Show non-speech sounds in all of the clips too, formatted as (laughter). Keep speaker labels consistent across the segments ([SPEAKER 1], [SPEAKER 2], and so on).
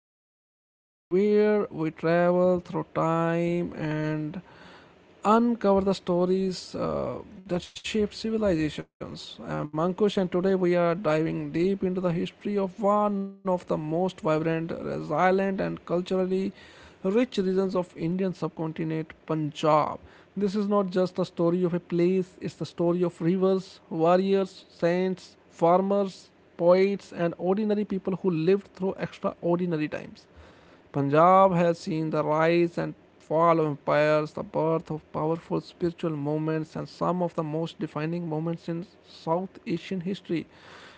[SPEAKER 1] the podcast where we travel through time and uncover the stories that shaped civilizations. I'm Ankush, and today we are diving deep into the history of one of the most vibrant, resilient, and culturally rich regions of Indian subcontinent, Punjab. This is not just the story of a place; it's the story of rivers, warriors, saints, farmers, poets, and ordinary people who lived through extraordinary times. Punjab has seen the rise and fall of empires, the birth of powerful spiritual movements, and some of the most defining moments in South Asian history.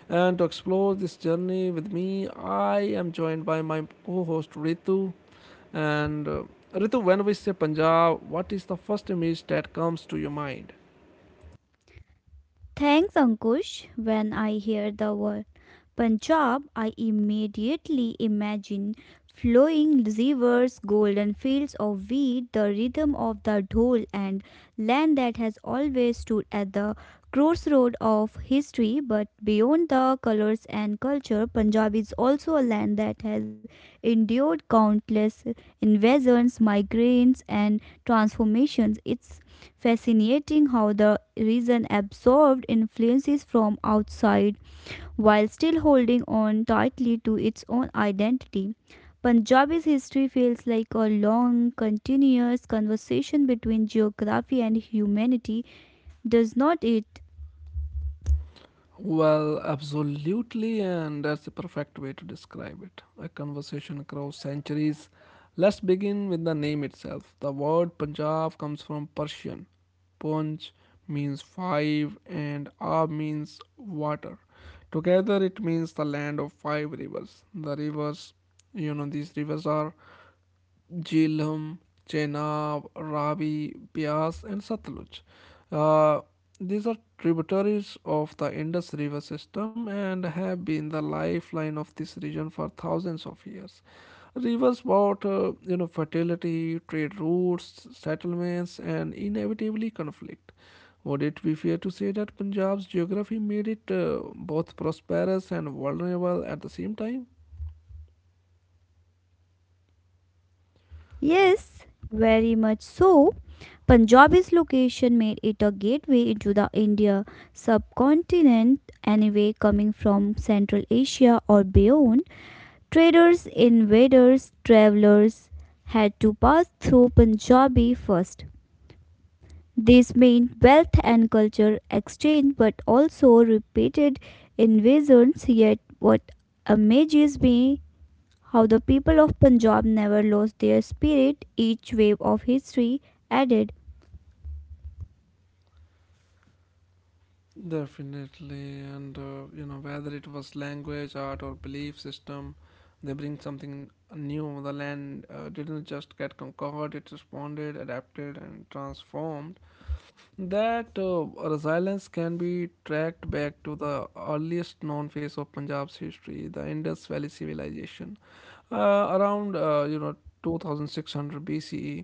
[SPEAKER 1] And to explore this journey with me, I am joined by my co host Ritu. And Ritu, when we say Punjab, what is the first image that comes to your mind?
[SPEAKER 2] Thanks, Ankush. When I hear the word Punjab, I immediately imagine flowing rivers, golden fields of wheat, the rhythm of the dhol, and land that has always stood at the crossroad of history. But beyond the colors and culture, Punjab is also a land that has endured countless invasions, migrations, and transformations. It's fascinating how the reason absorbed influences from outside while still holding on tightly to its own identity. Punjabi's history feels like a long, continuous conversation between geography and humanity, does not it?
[SPEAKER 1] Well, absolutely, and that's the perfect way to describe it. A conversation across centuries. Let's begin with the name itself. The word Punjab comes from Persian. Punj means five, and Ab means water. Together, it means the land of five rivers. The rivers, you know, these rivers are Jhelum, Chenab, Ravi, Bias, and Satluj. Uh, these are tributaries of the Indus River system and have been the lifeline of this region for thousands of years. Rivers brought fertility, trade routes, settlements, and inevitably conflict. Would it be fair to say that Punjab's geography made it both prosperous and vulnerable at the same time?
[SPEAKER 2] Yes, very much so. Punjabi's location made it a gateway into the India subcontinent, anyway, coming from Central Asia or beyond. Traders, invaders, travelers had to pass through Punjabi first. This meant wealth and culture exchange, but also repeated invasions. Yet, what amazes me how the people of Punjab never lost their spirit. Each wave of history added.
[SPEAKER 1] Definitely, and whether it was language, art, or belief system, they bring something new. The land didn't just get conquered; it responded, adapted, and transformed. That resilience can be tracked back to the earliest known phase of Punjab's history, the Indus Valley Civilization. Around 2600 BCE,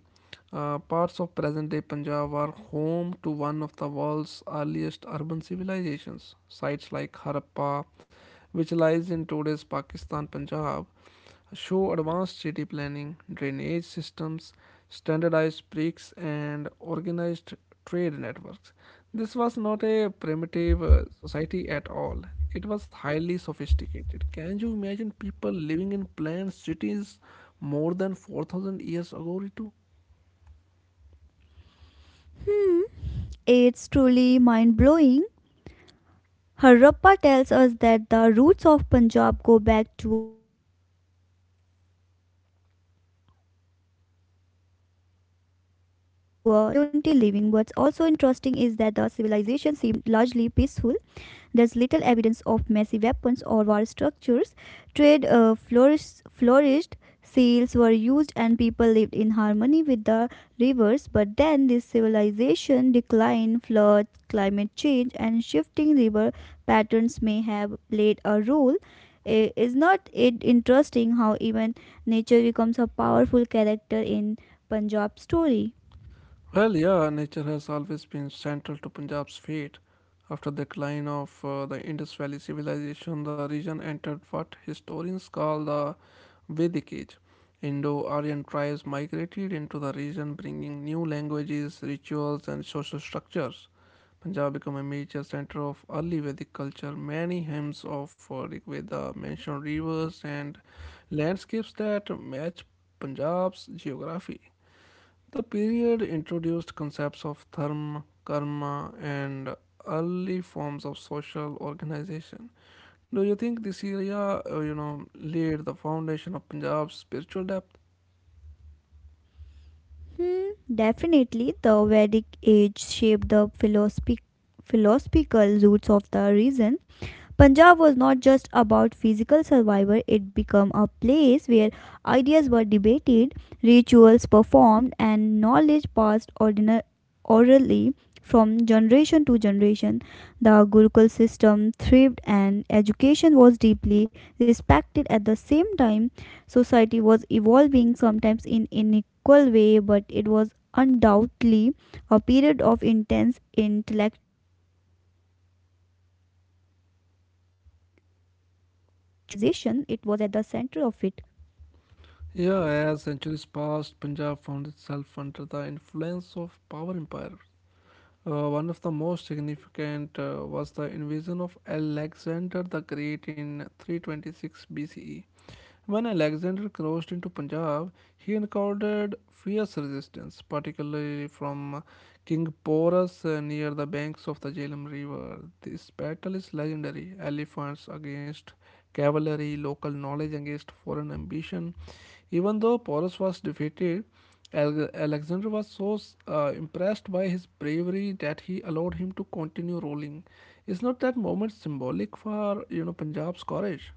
[SPEAKER 1] parts of present-day Punjab are home to one of the world's earliest urban civilizations. Sites like Harappa, which lies in today's Pakistan, Punjab, show advanced city planning, drainage systems, standardized bricks, and organized trade networks. This was not a primitive society at all. It was highly sophisticated. Can you imagine people living in planned cities more than 4,000 years ago, Ritu?
[SPEAKER 2] Hmm, it's truly mind blowing. Harappa tells us that the roots of Punjab go back to community living. What's also interesting is that the civilization seemed largely peaceful, there's little evidence of massive weapons or war structures. Trade flourished, sails were used, and people lived in harmony with the rivers. But then this civilization declined. Floods, climate change, and shifting river patterns may have played a role. Is not it interesting how even nature becomes a powerful character in Punjab story?
[SPEAKER 1] Well, yeah, nature has always been central to Punjab's fate. After the decline of the Indus Valley civilization, the region entered what historians call the Vedic Age. Indo Aryan tribes migrated into the region, bringing new languages, rituals, and social structures. Punjab became a major center of early Vedic culture. Many hymns of Rig Veda mention rivers and landscapes that match Punjab's geography. The period introduced concepts of dharma, karma, and early forms of social organization. Do you think this area, laid the foundation of Punjab's spiritual depth?
[SPEAKER 2] Hmm, definitely, the Vedic age shaped the philosophical roots of the region. Punjab was not just about physical survival, it became a place where ideas were debated, rituals performed, and knowledge passed orally from generation to generation. The Gurukul system thrived and education was deeply respected at the same time. Society was evolving, sometimes in unequal way, but it was undoubtedly a period of intense intellectual of civilization, it was at the center of it.
[SPEAKER 1] Yeah, as centuries passed, Punjab found itself under the influence of power empire. One of the most significant was the invasion of Alexander the Great in 326 BCE. When Alexander crossed into Punjab, he encountered fierce resistance, particularly from King Porus near the banks of the Jhelum River. This battle is legendary elephants against cavalry, local knowledge against foreign ambition. Even though Porus was defeated, Alexander was so impressed by his bravery that he allowed him to continue rolling. Is not that moment symbolic for Punjab's courage?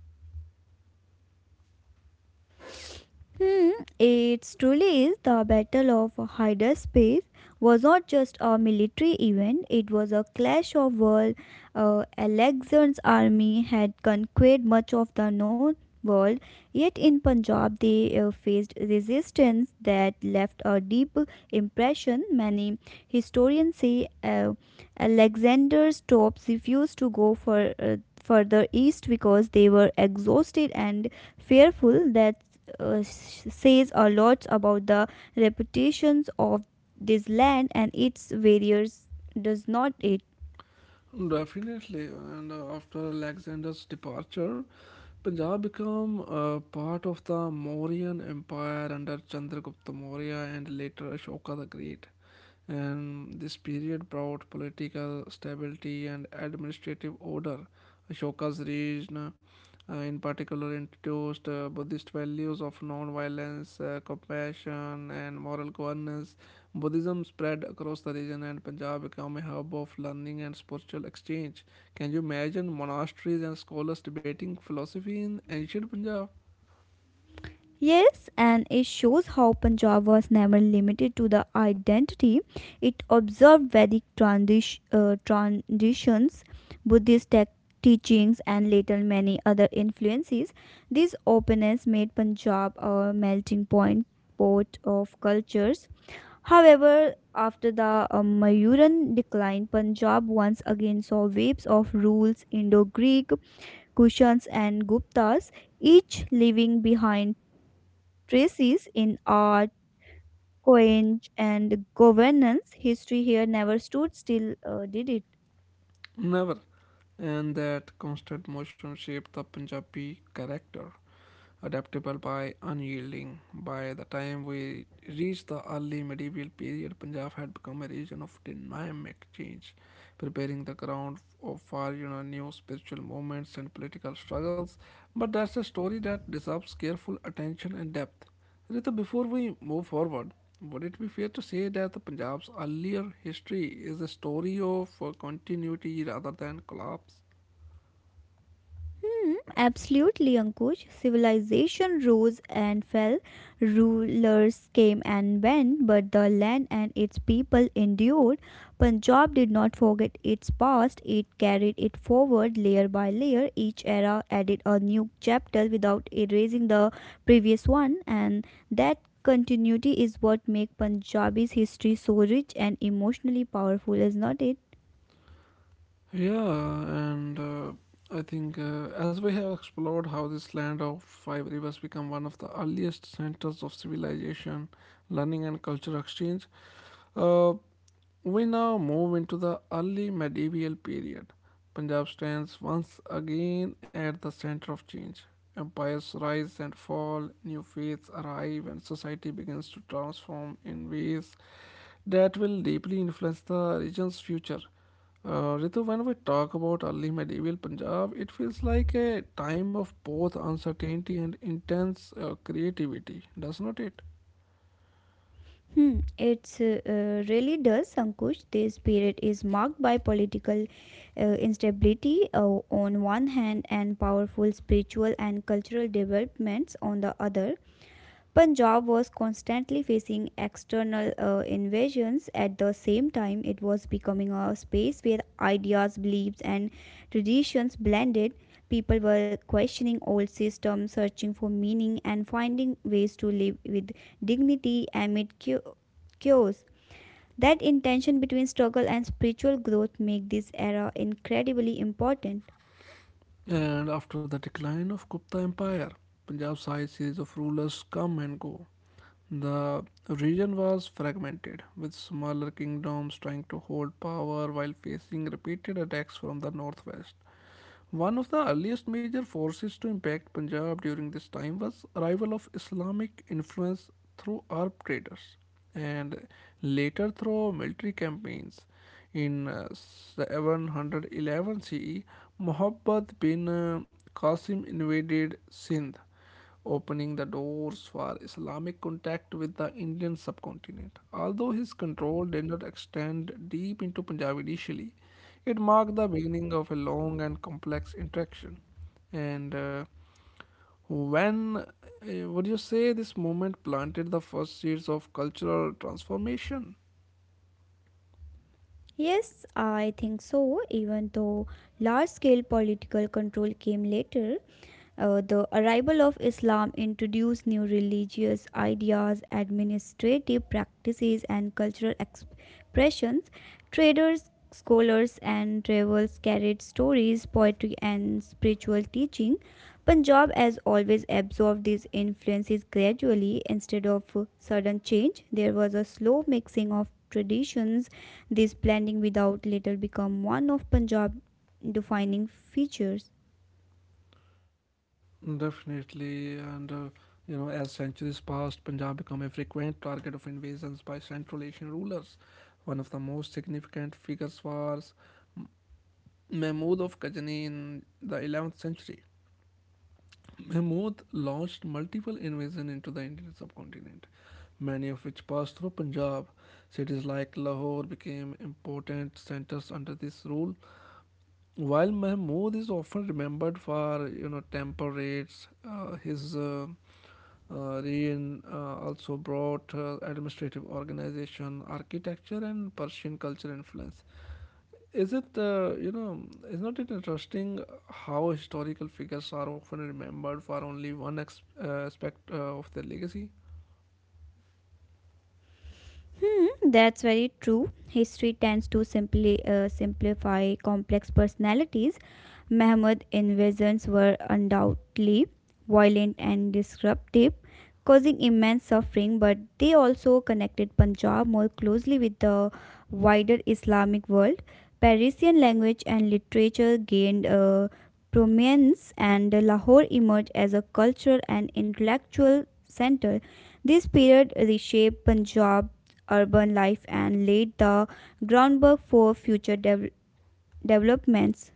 [SPEAKER 2] Hmm, it truly is. The Battle of Hydarspace was not just a military event, it was a clash of worlds. Alexander's army had conquered much of the known world, yet in Punjab they faced resistance that left a deep impression. Many historians say Alexander's troops refused to go for, further east because they were exhausted and fearful that uh, says a lot about the reputations of this land and its warriors, does not it?
[SPEAKER 1] Definitely, and after Alexander's departure, Punjab became part of the Mauryan Empire under Chandragupta Maurya and later Ashoka the Great. And this period brought political stability and administrative order. Ashoka's reign in particular introduced Buddhist values of non-violence, compassion, and moral governance. Buddhism spread across the region, and Punjab became a hub of learning and spiritual exchange. Can you imagine monasteries and scholars debating philosophy in ancient Punjab?
[SPEAKER 2] Yes, and it shows how Punjab was never limited to the identity. It observed Vedic traditions, Buddhist tech teachings, and later many other influences. This openness made Punjab a melting point pot of cultures. However, after the Mayuran decline, Punjab once again saw waves of rules, Indo Greek, Kushans, and Guptas, each leaving behind traces in art, coinage, and governance. History here never stood still, did it?
[SPEAKER 1] Never. And that constant motion shaped the Punjabi character. Adaptable by unyielding. By the time we reached the early medieval period, Punjab had become a region of dynamic change, preparing the ground for new spiritual movements and political struggles. But that's a story that deserves careful attention and depth. Rita, before we move forward, would it be fair to say that the Punjab's earlier history is a story of continuity rather than collapse?
[SPEAKER 2] Hmm, absolutely, Ankush. Civilization rose and fell, rulers came and went, but the land and its people endured. Punjab did not forget its past, it carried it forward layer by layer. Each era added a new chapter without erasing the previous one, and that continuity is what makes Punjabi's history so rich and emotionally powerful, is not it?
[SPEAKER 1] Yeah, and I think as we have explored how this land of five rivers become one of the earliest centers of civilization, learning, and cultural exchange, uh, we now move into the early medieval period. Punjab stands once again at the center of change. Empires rise and fall, new faiths arrive, and society begins to transform in ways that will deeply influence the region's future. Ritu, when we talk about early medieval Punjab, it feels like a time of both uncertainty and intense creativity, does not it?
[SPEAKER 2] Hmm, it's really does, Ankush. This period is marked by political instability on one hand and powerful spiritual and cultural developments on the other. Punjab was constantly facing external invasions. At the same time, it was becoming a space where ideas, beliefs, and traditions blended. People were questioning old systems, searching for meaning, and finding ways to live with dignity amid chaos. That intention between struggle and spiritual growth make this era incredibly important.
[SPEAKER 1] And after the decline of Gupta Empire, Punjab's high series of rulers come and go. The region was fragmented, with smaller kingdoms trying to hold power while facing repeated attacks from the northwest. One of the earliest major forces to impact Punjab during this time was arrival of Islamic influence through Arab traders and later through military campaigns. In 711 CE, Muhammad bin Qasim invaded Sindh opening the doors for Islamic contact with the Indian subcontinent. Although his control did not extend deep into Punjab initially, it marked the beginning of a long and complex interaction. And when would you say this moment planted the first seeds of cultural transformation?
[SPEAKER 2] Yes, I think so, even though large scale political control came later. The arrival of Islam introduced new religious ideas, administrative practices, and cultural expressions. Traders, scholars, and travels carried stories, poetry, and spiritual teaching. Punjab has always absorbed these influences gradually instead of sudden change. There was a slow mixing of traditions. This blending without later become one of Punjab defining features.
[SPEAKER 1] Definitely, and as centuries passed, Punjab became a frequent target of invasions by Central Asian rulers. One of the most significant figures was Mahmud of Ghazni in the 11th century. Mahmud launched multiple invasions into the Indian subcontinent, many of which passed through Punjab. Cities like Lahore became important centers under this rule. While Mahmud is often remembered for temper raids, his Rien also brought administrative organization, architecture, and Persian culture influence. Is it, uh, you know, is not it interesting how historical figures are often remembered for only one aspect of their legacy?
[SPEAKER 2] Hmm, that's very true. History tends to simply simplify complex personalities. Mahmud's invasions were undoubtedly violent and disruptive, causing immense suffering, but they also connected Punjab more closely with the wider Islamic world. Persian language and literature gained prominence, and Lahore emerged as a cultural and intellectual center. This period reshaped Punjab's urban life and laid the groundwork for future developments.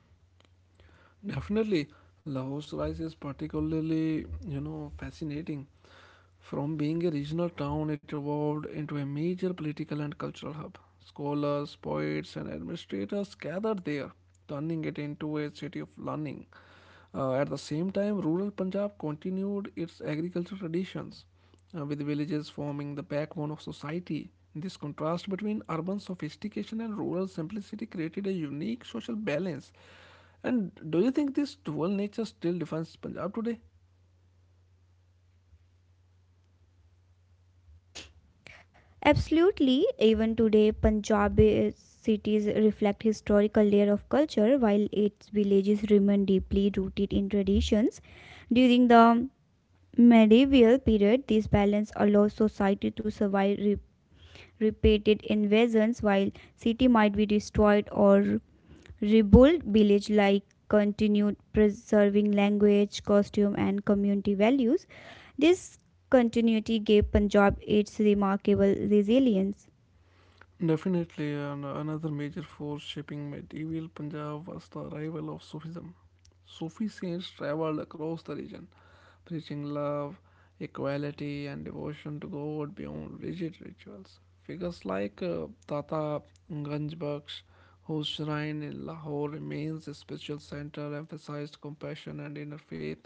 [SPEAKER 1] Definitely, Lahore's rise is particularly fascinating. From being a regional town, it evolved into a major political and cultural hub. Scholars, poets, and administrators gathered there, turning it into a city of learning. At the same time, rural Punjab continued its agricultural traditions, with villages forming the backbone of society. This contrast between urban sophistication and rural simplicity created a unique social balance. And do you think this dual nature still defines Punjab today?
[SPEAKER 2] Absolutely, even today, Punjabi cities reflect historical layer of culture, while its villages remain deeply rooted in traditions. During the medieval period, this balance allows society to survive repeated invasions, while city might be destroyed or rebuilt. Village like continued preserving language, costume, and community values. This continuity gave Punjab its remarkable resilience.
[SPEAKER 1] Definitely, and another major force shaping medieval Punjab was the arrival of Sufism. Sufi saints traveled across the region, preaching love, equality, and devotion to God beyond rigid rituals. Figures like Tata Ganjbaksh, whose shrine in Lahore remains a spiritual center, emphasized compassion and inner faith.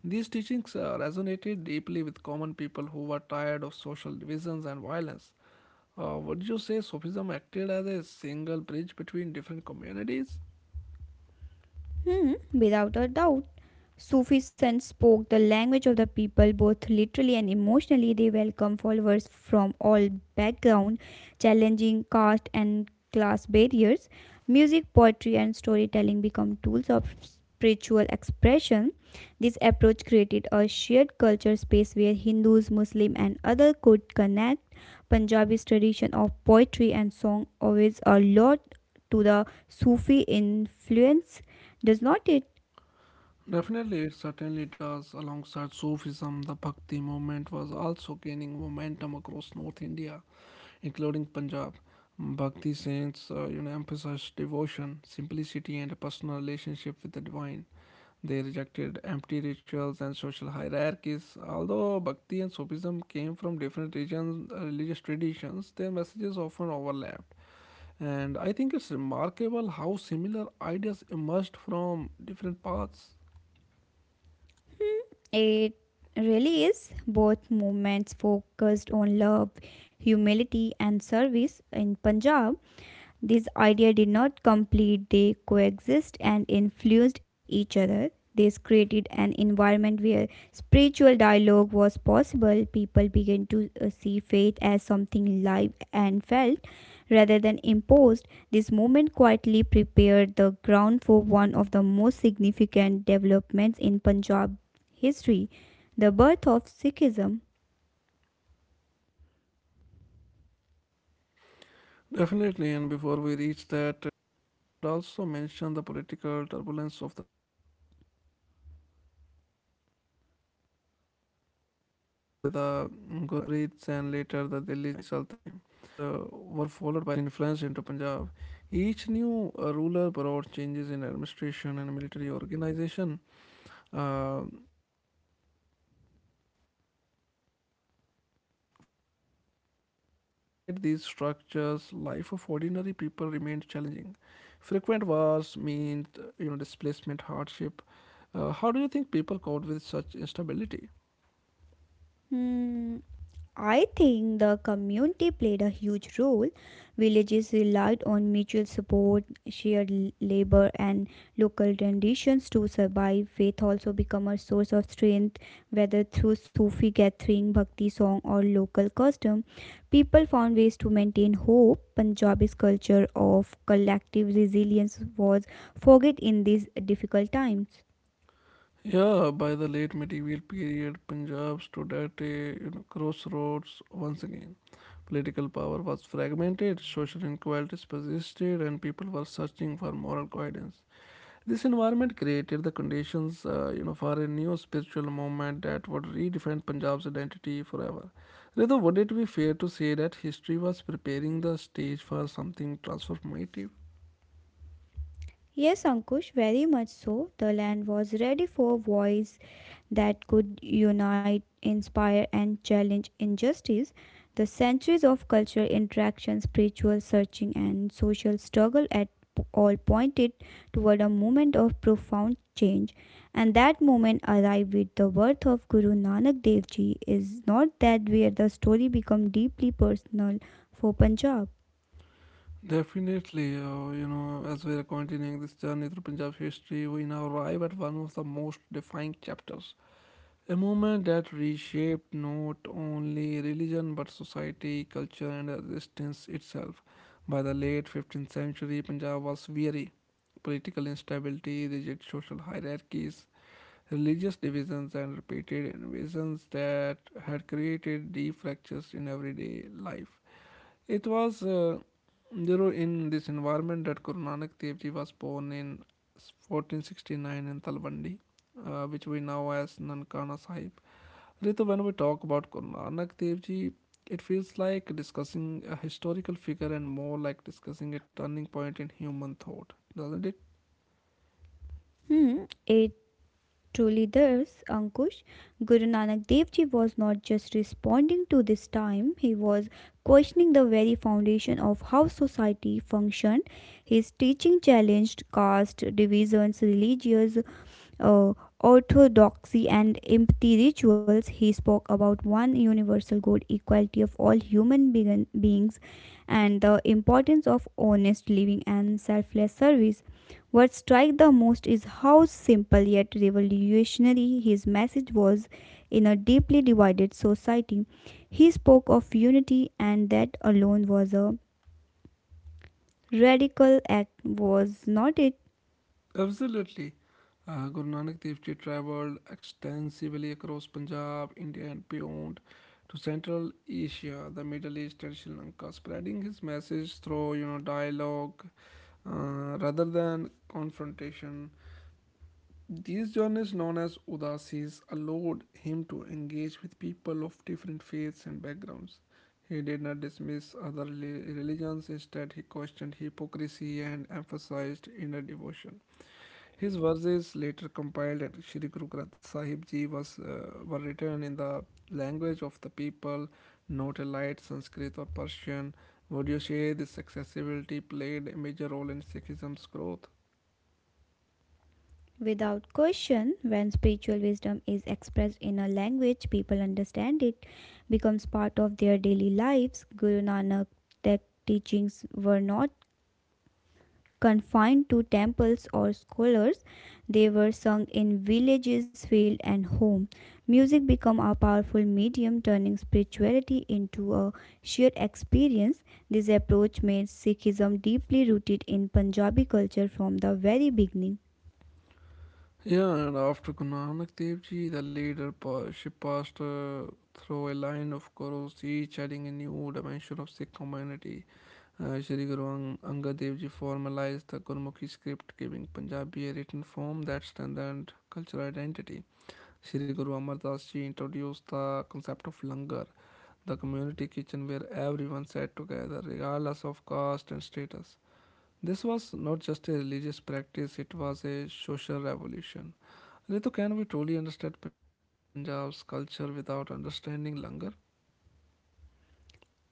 [SPEAKER 1] These teachings resonated deeply with common people who were tired of social divisions and violence. Would you say Sufism acted as a single bridge between different communities?
[SPEAKER 2] Hmm, without a doubt. Sufi sons spoke the language of the people both literally and emotionally. They welcomed followers from all backgrounds, challenging caste and class barriers. Music, poetry, and storytelling become tools of spiritual expression. This approach created a shared culture space where Hindus, Muslims, and others could connect. Punjabi's tradition of poetry and song owes a lot to the Sufi influence. Does not it?
[SPEAKER 1] Definitely, it certainly does. Alongside Sufism, the Bhakti movement was also gaining momentum across North India, including Punjab. Bhakti saints, emphasized devotion, simplicity, and a personal relationship with the divine. They rejected empty rituals and social hierarchies. Although Bhakti and Sufism came from different regions, religious traditions, their messages often overlapped. And I think it's remarkable how similar ideas emerged from different paths.
[SPEAKER 2] It really is. Both movements focused on love, humility, and service in Punjab. This idea did not complete, they coexist and influenced each other. This created an environment where spiritual dialogue was possible. People began to see faith as something live and felt rather than imposed. This movement quietly prepared the ground for one of the most significant developments in Punjab history, the birth of Sikhism.
[SPEAKER 1] Definitely, and before we reach that, turning point, we should also mention the political turbulence of the time. The Ghaznavids were followed by the Ghurids, and later the Delhi Sultanate extended its influence into Punjab. Each new ruler brought changes in administration and military organization. Um Forts were built, taxes collected, and laws enforced. Yet, despite these structures, life of ordinary people remained challenging. Frequent wars meant, displacement, hardship. How do you think people coped with such instability?
[SPEAKER 2] Hmm. I think the community played a huge role. Villages relied on mutual support, labor, and local traditions to survive. Faith also became a source of strength, whether through Sufi gathering, bhakti song, or local custom. People found ways to maintain hope. Punjabi's culture of collective resilience was forged in these difficult times.
[SPEAKER 1] Yeah, by the late medieval period, Punjab stood at a crossroads once again. Political power was fragmented, social inequalities persisted, and people were searching for moral guidance. This environment created the conditions, for a new spiritual movement that would redefine Punjab's identity forever. Rather, would it be fair to say that history was preparing the stage for something transformative?
[SPEAKER 2] Yes, Ankush, very much so. The land was ready for a voice that could unite, inspire, and challenge injustice. The centuries of cultural interaction, spiritual searching, and social struggle at all pointed toward a moment of profound change. And that moment arrived with the birth of Guru Nanak Dev Ji. Is not that where the story become deeply personal for Punjab.
[SPEAKER 1] Definitely, as we are continuing this journey through Punjab history, we now arrive at one of the most defining chapters. A movement that reshaped not only religion but society, culture, and resistance itself. By the late 15th century, Punjab was weary. Political instability, rigid social hierarchies, religious divisions, and repeated invasions that had created deep fractures in everyday life. It was in this environment that Guru Nanak Dev Ji was born in 1469 in Talwandi, which we know as Nankana Sahib. Rito, when we talk about Guru Nanak Dev Ji, it feels like discussing a historical figure and more like discussing a turning point in human thought, doesn't it?
[SPEAKER 2] Hmm, it truly thus, Ankush. Guru Nanak Dev Ji was not just responding to this time, he was questioning the very foundation of how society functioned. His teaching challenged caste divisions, religious uh, orthodoxy and empty rituals, he spoke about one universal good, equality of all beings, and the importance of honest living and selfless service. What struck the most is how simple yet revolutionary his message was in a deeply divided society. He spoke of unity, and that alone was a radical act, was not it?
[SPEAKER 1] Absolutely. Guru Nanak Dev Ji traveled extensively across Punjab, India, and beyond to Central Asia, the Middle East, and Sri Lanka, spreading his message through dialogue rather than confrontation. These journeys, known as udasis, allowed him to engage with people of different faiths and backgrounds. He did not dismiss other religions. Instead, he questioned hypocrisy and emphasized inner devotion. His verses, later compiled at Shri Guru Granth Sahib Ji, were written in the language of the people, not a light Sanskrit or Persian. Would you say this accessibility played a major role in Sikhism's growth?
[SPEAKER 2] Without question, when spiritual wisdom is expressed in a language people understand it, becomes part of their daily lives. Guru Nanak teachings were not confined to temples or scholars. They were sung in villages, field and home. Music became a powerful medium turning spirituality into a shared experience. This approach made Sikhism deeply rooted in Punjabi culture from the very beginning.
[SPEAKER 1] Yeah, and after Guru Nanak Dev Ji, the she passed through a line of Gurus, each adding a new dimension of Sikh community. Shri Guru Angad Dev Ji formalized the Gurmukhi script, giving Punjabi a written form that strengthened cultural identity. Shri Guru Amar Das Ji introduced the concept of langar, the community kitchen where everyone sat together, regardless of caste and status. This was not just a religious practice, it was a social revolution. Ritu, can we truly understand Punjab's culture without understanding Langar?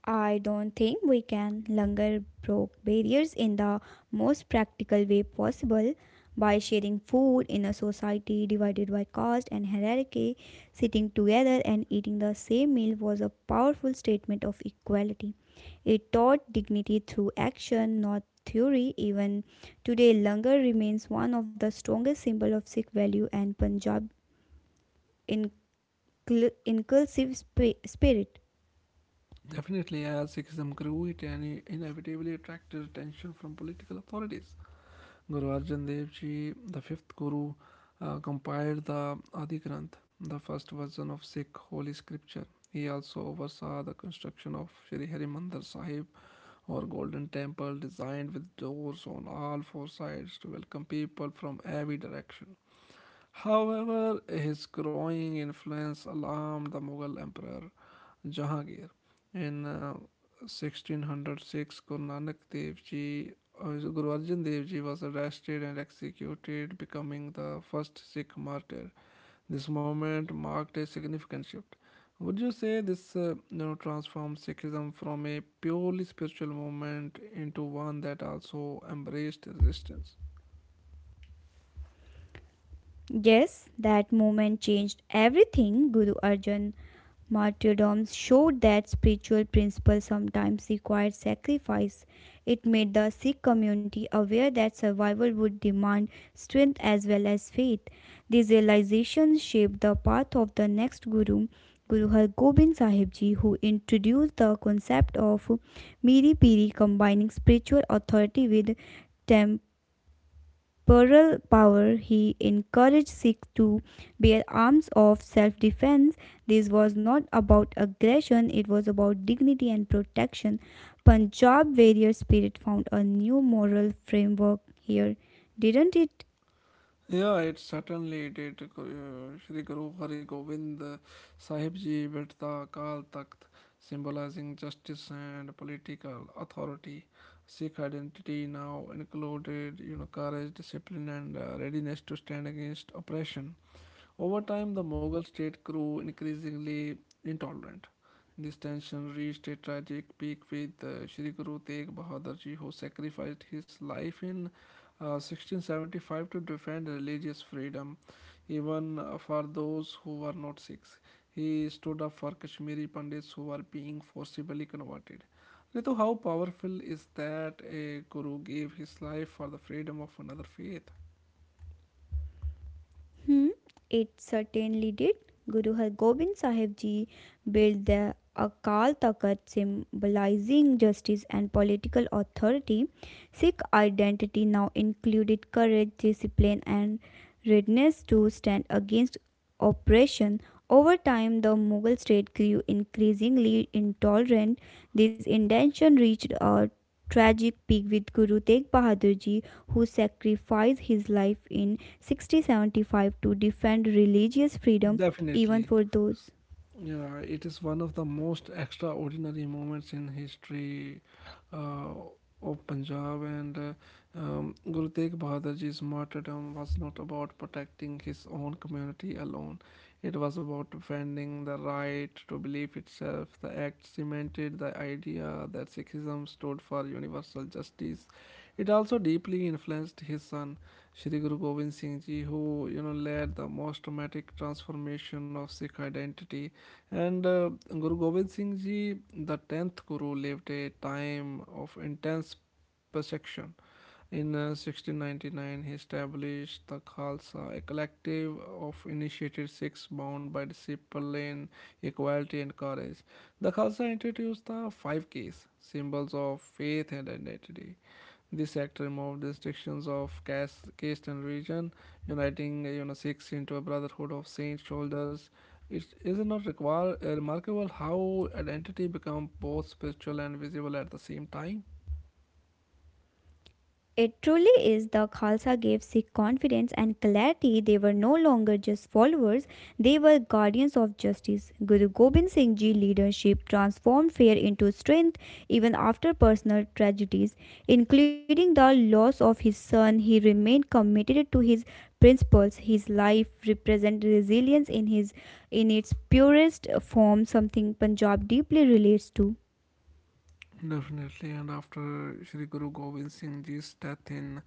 [SPEAKER 2] I don't think we can. Longer broke barriers in the most practical way possible by sharing food in a society divided by caste and hierarchy. Sitting together and eating the same meal was a powerful statement of equality. It taught dignity through action, not theory. Even today, langar remains one of the strongest symbol of Sikh value and Punjab incl- inclusive spirit.
[SPEAKER 1] Definitely, as Sikhism grew, it inevitably attracted attention from political authorities. Guru Arjan Dev Ji, the fifth Guru, compiled the Adi Granth, the first version of Sikh holy scripture. He also oversaw the construction of Shri Harimandir Sahib, or Golden Temple, designed with doors on all four sides to welcome people from every direction. However, his growing influence alarmed the Mughal Emperor Jahangir. In 1606, Guru Arjan Dev Ji was arrested and executed, becoming the first Sikh martyr. This moment marked a significant shift. Would you say this transformed Sikhism from a purely spiritual movement into one that also embraced resistance?
[SPEAKER 2] Yes, that moment changed everything. Guru Arjan martyrdoms showed that spiritual principles sometimes require sacrifice. It made the Sikh community aware that survival would demand strength as well as faith. These realizations shaped the path of the next Guru, Guru Har Gobind Sahib Ji, who introduced the concept of Miri Piri combining spiritual authority with temp- Pearl power, he encouraged Sikhs to bear arms of self defense. This was not about aggression, it was about dignity and protection. Punjab warrior spirit found a new moral framework here, didn't it?
[SPEAKER 1] Yeah, it certainly did. Shri Guru Hari Govind Sahib Ji built the Akal Takht, symbolizing justice and political authority. Sikh identity now included, courage, discipline, and readiness to stand against oppression. Over time, the Mughal state grew increasingly intolerant. This tension reached a tragic peak with Sri Guru Tegh Bahadur Ji, who sacrificed his life in 1675 to defend religious freedom, even for those who were not Sikhs. He stood up for Kashmiri Pandits who were being forcibly converted. Ritu, how powerful is that a guru gave his life for the freedom of another faith?
[SPEAKER 2] Hmm, it certainly did. Guru Har Gobind Sahib Ji built the Akal Takht symbolizing justice and political authority. Sikh identity now included courage, discipline, and readiness to stand against oppression. Over time, the Mughal state grew increasingly intolerant. This intention reached a tragic peak with Guru Tegh Bahadur Ji, who sacrificed his life in 6075 to defend religious freedom, even
[SPEAKER 1] Definitely.
[SPEAKER 2] for those.
[SPEAKER 1] Yeah, it is one of the most extraordinary moments in history uh, of Punjab, and Guru Tegh Bahadur Ji's martyrdom was not about protecting his own community alone. It was about defending the right to believe itself. The act cemented the idea that Sikhism stood for universal justice. It also deeply influenced his son Shri Guru Gobind Singh Ji, who led the most dramatic transformation of Sikh identity. And Guru Gobind Singh Ji, the tenth Guru, lived a time of intense persecution. In 1699, he established the Khalsa, a collective of initiated Sikhs bound by discipline, equality, and courage. The Khalsa introduced the five Ks, symbols of faith and identity. This act removed restrictions of caste and religion, uniting Sikhs into a brotherhood of saint shoulders. It is not require, Remarkable how identity become both spiritual and visible at the same time.
[SPEAKER 2] It truly is. The Khalsa gave Sikh confidence and clarity. They were no longer just followers, they were guardians of justice. Guru Gobind Singh Ji's leadership transformed fear into strength even after personal tragedies, including the loss of his son. He remained committed to his principles. His life represents resilience in his in its purest form, something Punjab deeply relates to.
[SPEAKER 1] Definitely, and after Sri Guru Gobind Singh Ji's death in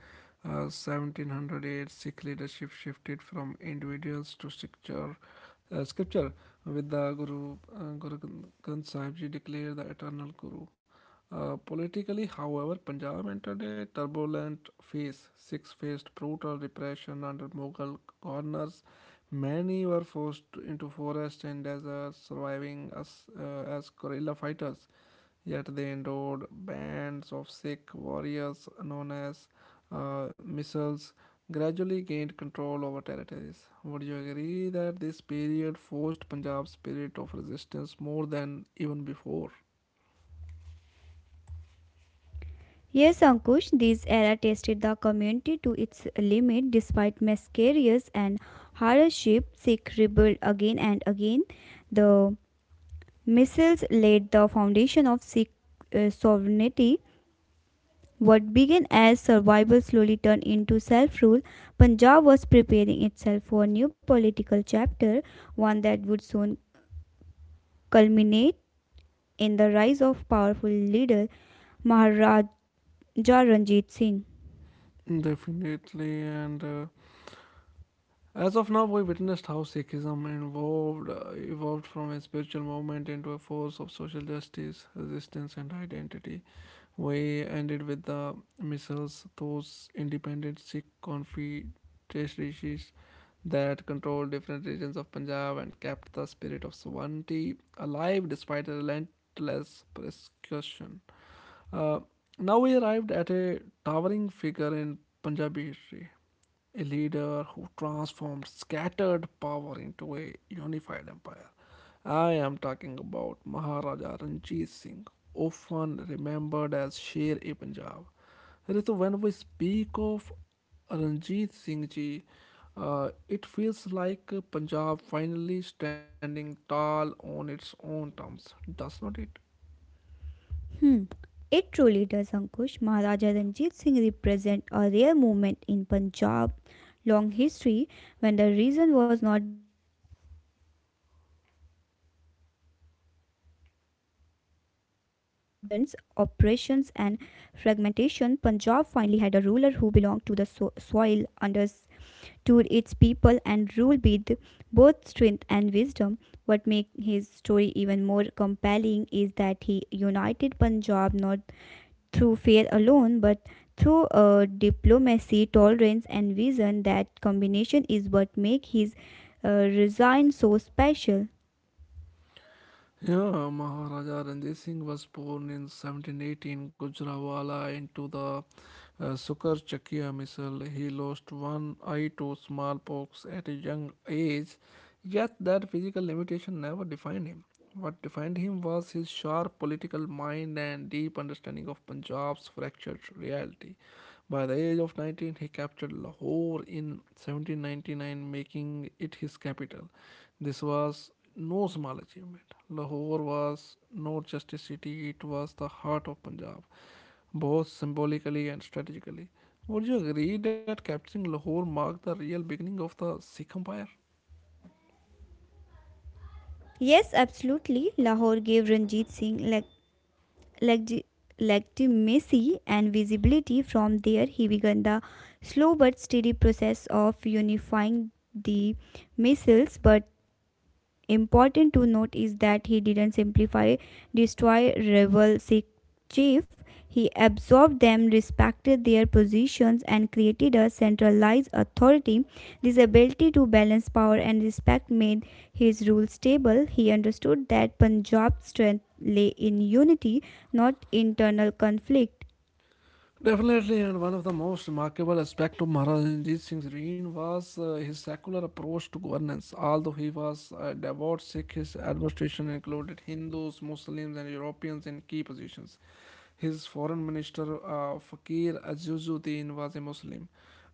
[SPEAKER 1] 1708, Sikh leadership shifted from individuals to scripture. Scripture, with the Guru Granth Sahib Ji declared the eternal Guru. Politically, however, Punjab entered a turbulent phase. Sikhs faced brutal repression under Mughal governors. Many were into forests and deserts, surviving as guerrilla fighters. Yet they endured. Bands of Sikh warriors known as missiles gradually gained control over territories. Would you agree that this period forced Punjab's spirit of resistance more than even before?
[SPEAKER 2] Yes, Ankush, this era tested the community to its limit despite miscarriages and hardship. Sikh rebelled again and again. The missiles laid the foundation of Sikh sovereignty. What began as survival slowly turned into self rule. Punjab was preparing itself for a new political chapter, one that would soon culminate in the rise of powerful leader Maharaja Ranjit Singh.
[SPEAKER 1] Definitely, and as of now, we witnessed how Sikhism evolved from a spiritual movement into a force of social justice, resistance, and identity. We ended with the missiles, those independent Sikh confederacies that controlled different regions of Punjab and kept the spirit of sovereignty alive despite a relentless persecution. Uh, Now we arrived at a towering figure in Punjabi history, a leader who transformed scattered power into a unified empire. I am talking about Maharaja Ranjit Singh, often remembered as Sher e Punjab. Ritu, when we speak of Ranjit Singh ji, it feels like Punjab finally standing tall on its own terms, does not it?
[SPEAKER 2] Hmm. It truly does, Ankush. Maharaja Ranjit Singh represent a rare movement in Punjab long history when the reason was not oppressions and fragmentation. Punjab finally had a ruler who belonged to the soil, understood its people, and ruled with both strength and wisdom. What makes his story even more compelling is that he united Punjab not through faith alone, but through diplomacy, tolerance, and vision. That combination is what make his resign so special.
[SPEAKER 1] Yeah, Maharaja Ranjit Singh was born in 1718 Gujrawala into the Sukar Chakia missile. He lost one eye to smallpox at a young age, yet that physical limitation never defined him. What defined him was his sharp political mind and deep understanding of Punjab's fractured reality. By the age of 19, he captured Lahore in 1799, making it his capital. This was no small achievement. Lahore was not just a city, it was the heart of Punjab, both symbolically and strategically. Would you agree that capturing Lahore marked the real beginning of the Sikh Empire?
[SPEAKER 2] Yes, absolutely. Lahore gave Ranjit Singh leg- legitimacy and visibility. From there, he began the slow but steady process of unifying the missiles. But important to note is that he didn't simplify, destroy rebel Sikh chief. He absorbed them, respected their positions, and created a centralized authority. This ability to balance power and respect made his rule stable. He understood that Punjab's strength lay in unity, not internal conflict.
[SPEAKER 1] Definitely, and one of the most remarkable aspects of Maharaj Singh's reign was his secular approach to governance. Although he was a devout Sikh, his administration included Hindus, Muslims, and Europeans in key positions. His foreign minister, Fakir Azizuddin, was a Muslim.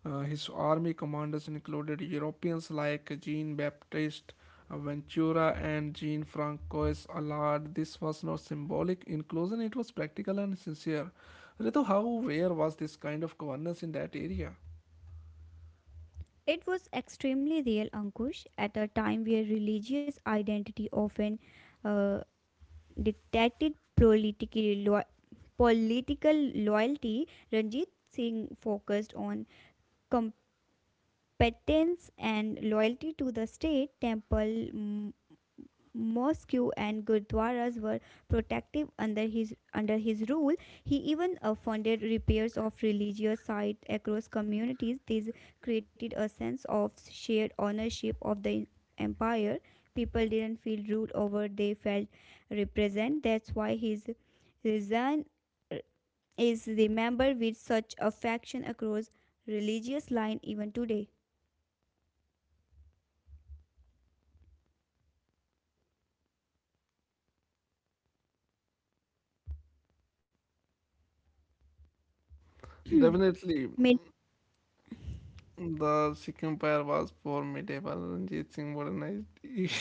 [SPEAKER 1] His army commanders included Europeans like Jean Baptiste Ventura and Jean Francois Allard. This was not symbolic inclusion, it was practical and sincere. Ritu, how rare was this kind of governance in that area?
[SPEAKER 2] It was extremely real, Ankush, at a time where religious identity often uh, detected politically political loyalty, Ranjit Singh focused on com- penance and loyalty to the state. Temple, mosque, and gurdwaras were protective under his rule. He even funded repairs of religious sites across communities. This created a sense of shared ownership of the empire. People didn't feel ruled over, they felt represented. That's why his resign is remembered with such affection across religious line even today.
[SPEAKER 1] Definitely,
[SPEAKER 2] 没
[SPEAKER 1] the Sikh Empire was poor medieval and Ranjit Singh modernized it.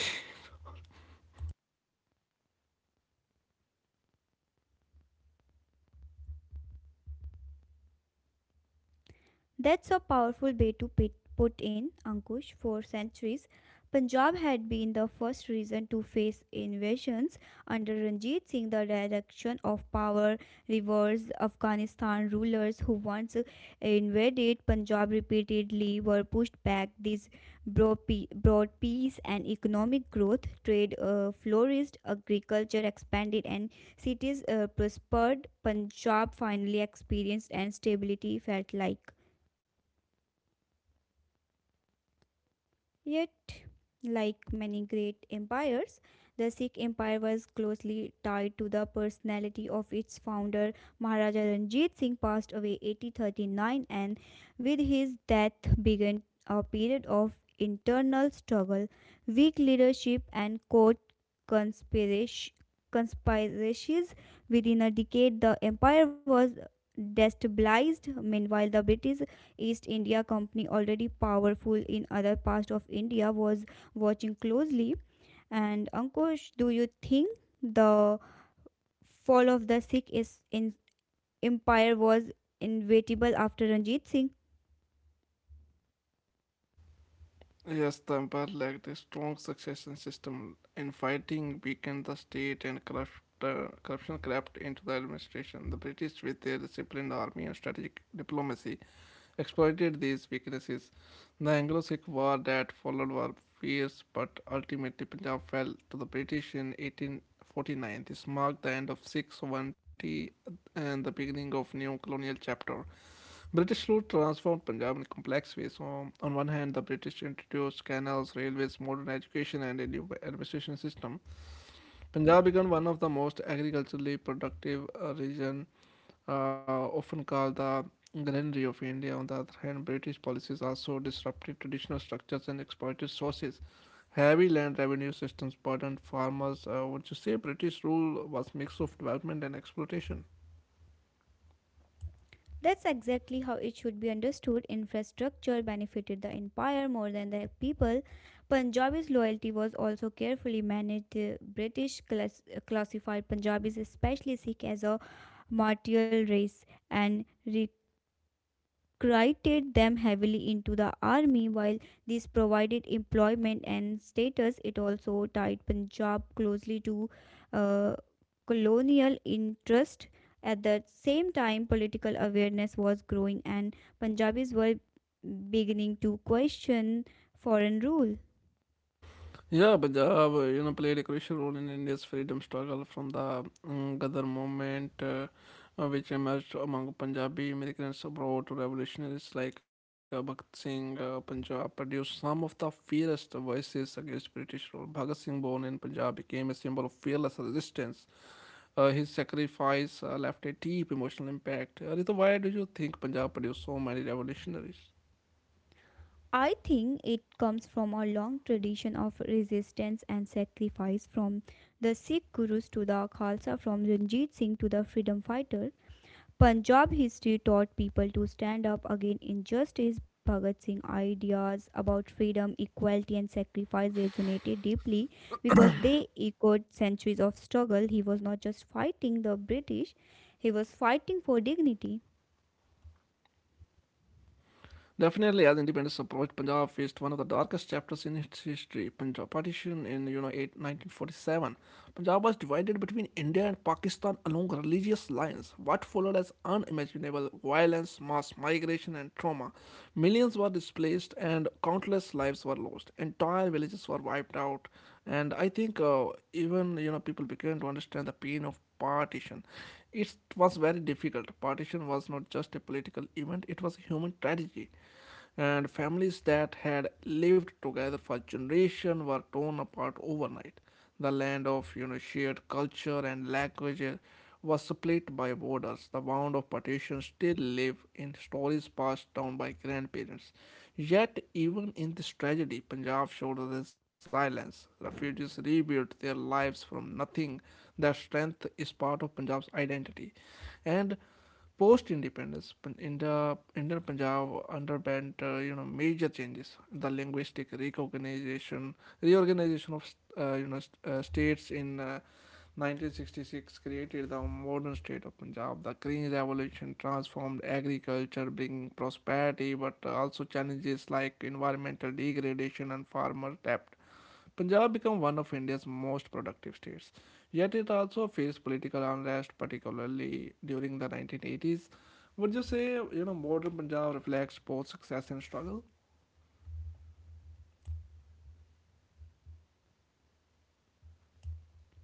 [SPEAKER 2] That's a powerful way to put in, Ankush. For centuries, Punjab had been the first region to face invasions. Under Ranjit Singh, the direction of power reversed. Afghanistan rulers who once invaded Punjab repeatedly were pushed back. This brought peace and economic growth. Trade flourished, agriculture expanded, and cities prospered. Punjab finally experienced and stability felt like. Yet, like many great empires, the Sikh Empire was closely tied to the personality of its founder. Maharaja Ranjit Singh passed away 1839, and with his death began a period of internal struggle, weak leadership, and court conspiracies. Within a decade, the empire was destabilized. Meanwhile, the British East India Company, already powerful in other parts of India, was watching closely. And Ankush, do you think the fall of the Sikh is in empire was inevitable after Ranjit Singh?
[SPEAKER 1] (laughs) Yes, the empire lacked a strong succession system. In fighting, weakened the state and corruption crept into the administration. The British, with their disciplined army and strategic diplomacy, exploited these weaknesses. The Anglo Sikh War that followed was fierce, but ultimately Punjab fell to the British in 1849. This marked the end of Sikh sovereignty and the beginning of new colonial chapter. British rule transformed Punjab in complex ways. On one hand, the British introduced canals, railways, modern education, and a new administration system. Punjab became one of the most agriculturally productive region, often called the granary of India. On the other hand, British policies also disrupted traditional structures and exploited sources. Heavy land revenue systems burdened farmers. Would you say British rule was mix of development and exploitation?
[SPEAKER 2] That's exactly how it should be understood. Infrastructure benefited the empire more than the people. Punjabi's loyalty was also carefully managed. The British classified Punjabis, especially Sikh, as a martial race and recruited them heavily into the army. While this provided employment and status, it also tied Punjab closely to uh, colonial interest. At the same time, political awareness was growing, and Punjabis were beginning to question foreign rule.
[SPEAKER 1] Yeah, Punjab, played a crucial role in India's freedom struggle from the Ghadir movement, which emerged among Punjabi immigrants abroad. Revolutionaries like Bhagat Singh, Punjab produced some of the fiercest voices against British rule. Bhagat Singh, born in Punjab, became a symbol of fearless resistance. His sacrifice left a deep emotional impact. Ritu, why do you think Punjab produced so many revolutionaries?
[SPEAKER 2] I think it comes from a long tradition of resistance and sacrifice, from the Sikh gurus to the Khalsa, from Ranjit Singh to the freedom fighter. Punjab history taught people to stand up against injustice. Bhagat Singh ideas about freedom, equality, and sacrifice resonated deeply because they echoed centuries of struggle. He was not just fighting the British, he was fighting for dignity.
[SPEAKER 1] Definitely, as independence approached, Punjab faced one of the darkest chapters in its history. Punjab partition in you know 8 1947. Punjab was divided between India and Pakistan along religious lines. What followed as unimaginable violence, mass migration, and trauma. Millions were displaced, and countless lives were lost. Entire villages were wiped out, and I think even you know people began to understand the pain of partition. It was very difficult. Partition was not just a political event, it was a human tragedy. And families that had lived together for generations were torn apart overnight. The land of shared culture and language was split by borders. The wound of partition still live in stories passed down by grandparents. Yet even in this tragedy, Punjab showed resilience. Refugees rebuilt their lives from nothing. That strength is part of Punjab's identity. And post independence in the Indian Punjab underwent major changes. The linguistic recognition reorganization of states in 1966 created the modern state of Punjab. The green revolution transformed agriculture, bringing prosperity but also challenges like environmental degradation and farmer debt. Punjab became one of India's most productive states, yet it also faced political unrest, particularly during the 1980s. Would you say, modern Punjab reflects both success and struggle?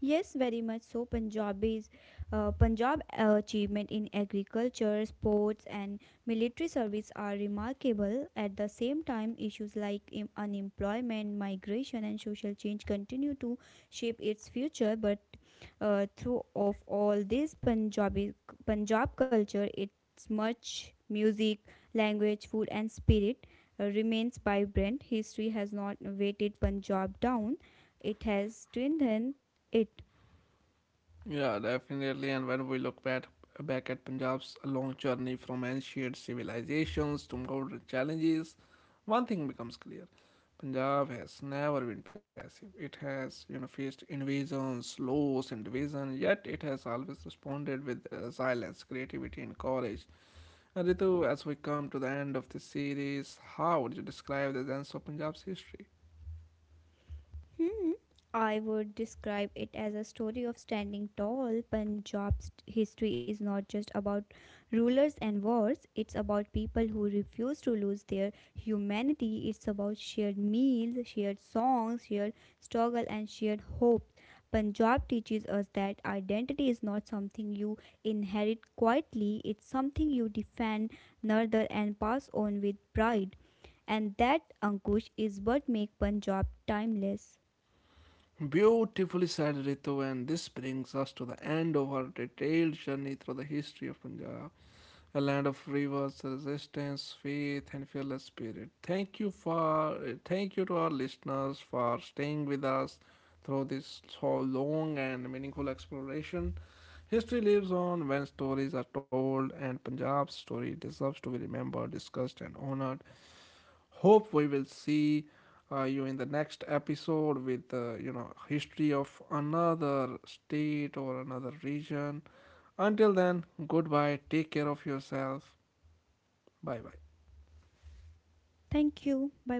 [SPEAKER 2] Yes, very much so. Punjab achievement in agriculture, sports, and military service are remarkable. At the same time, issues like unemployment, migration, and social change continue to shape its future. But through of all this, Punjab culture, its much music, language, food, and spirit remains vibrant. History has not weighted Punjab down; it has strengthened it.
[SPEAKER 1] Yeah, definitely. And when we look back at Punjab's long journey from ancient civilizations to modern challenges, one thing becomes clear: Punjab has never been passive. It has, faced invasions, loss, and division. Yet it has always responded with resilience, creativity, and courage. And Ritu, as we come to the end of this series, how would you describe the sense of Punjab's history?
[SPEAKER 2] Hmm. I would describe it as a story of standing tall. Punjab's history is not just about rulers and wars, it's about people who refuse to lose their humanity. It's about shared meals, shared songs, shared struggle, and shared hope. Punjab teaches us that identity is not something you inherit quietly, it's something you defend, nurture, and pass on with pride. And that Ankush is what makes Punjab timeless.
[SPEAKER 1] Beautifully said, Ritu, and this brings us to the end of our detailed journey through the history of Punjab, a land of rivers, resistance, faith, and fearless spirit. Thank you to our listeners for staying with us through this so long and meaningful exploration. History lives on when stories are told, and Punjab's story deserves to be remembered, discussed, and honored. Hope we will see you in the next episode with history of another state or another region. Until then, goodbye, take care of yourself. Bye bye.
[SPEAKER 2] Thank you. Bye bye.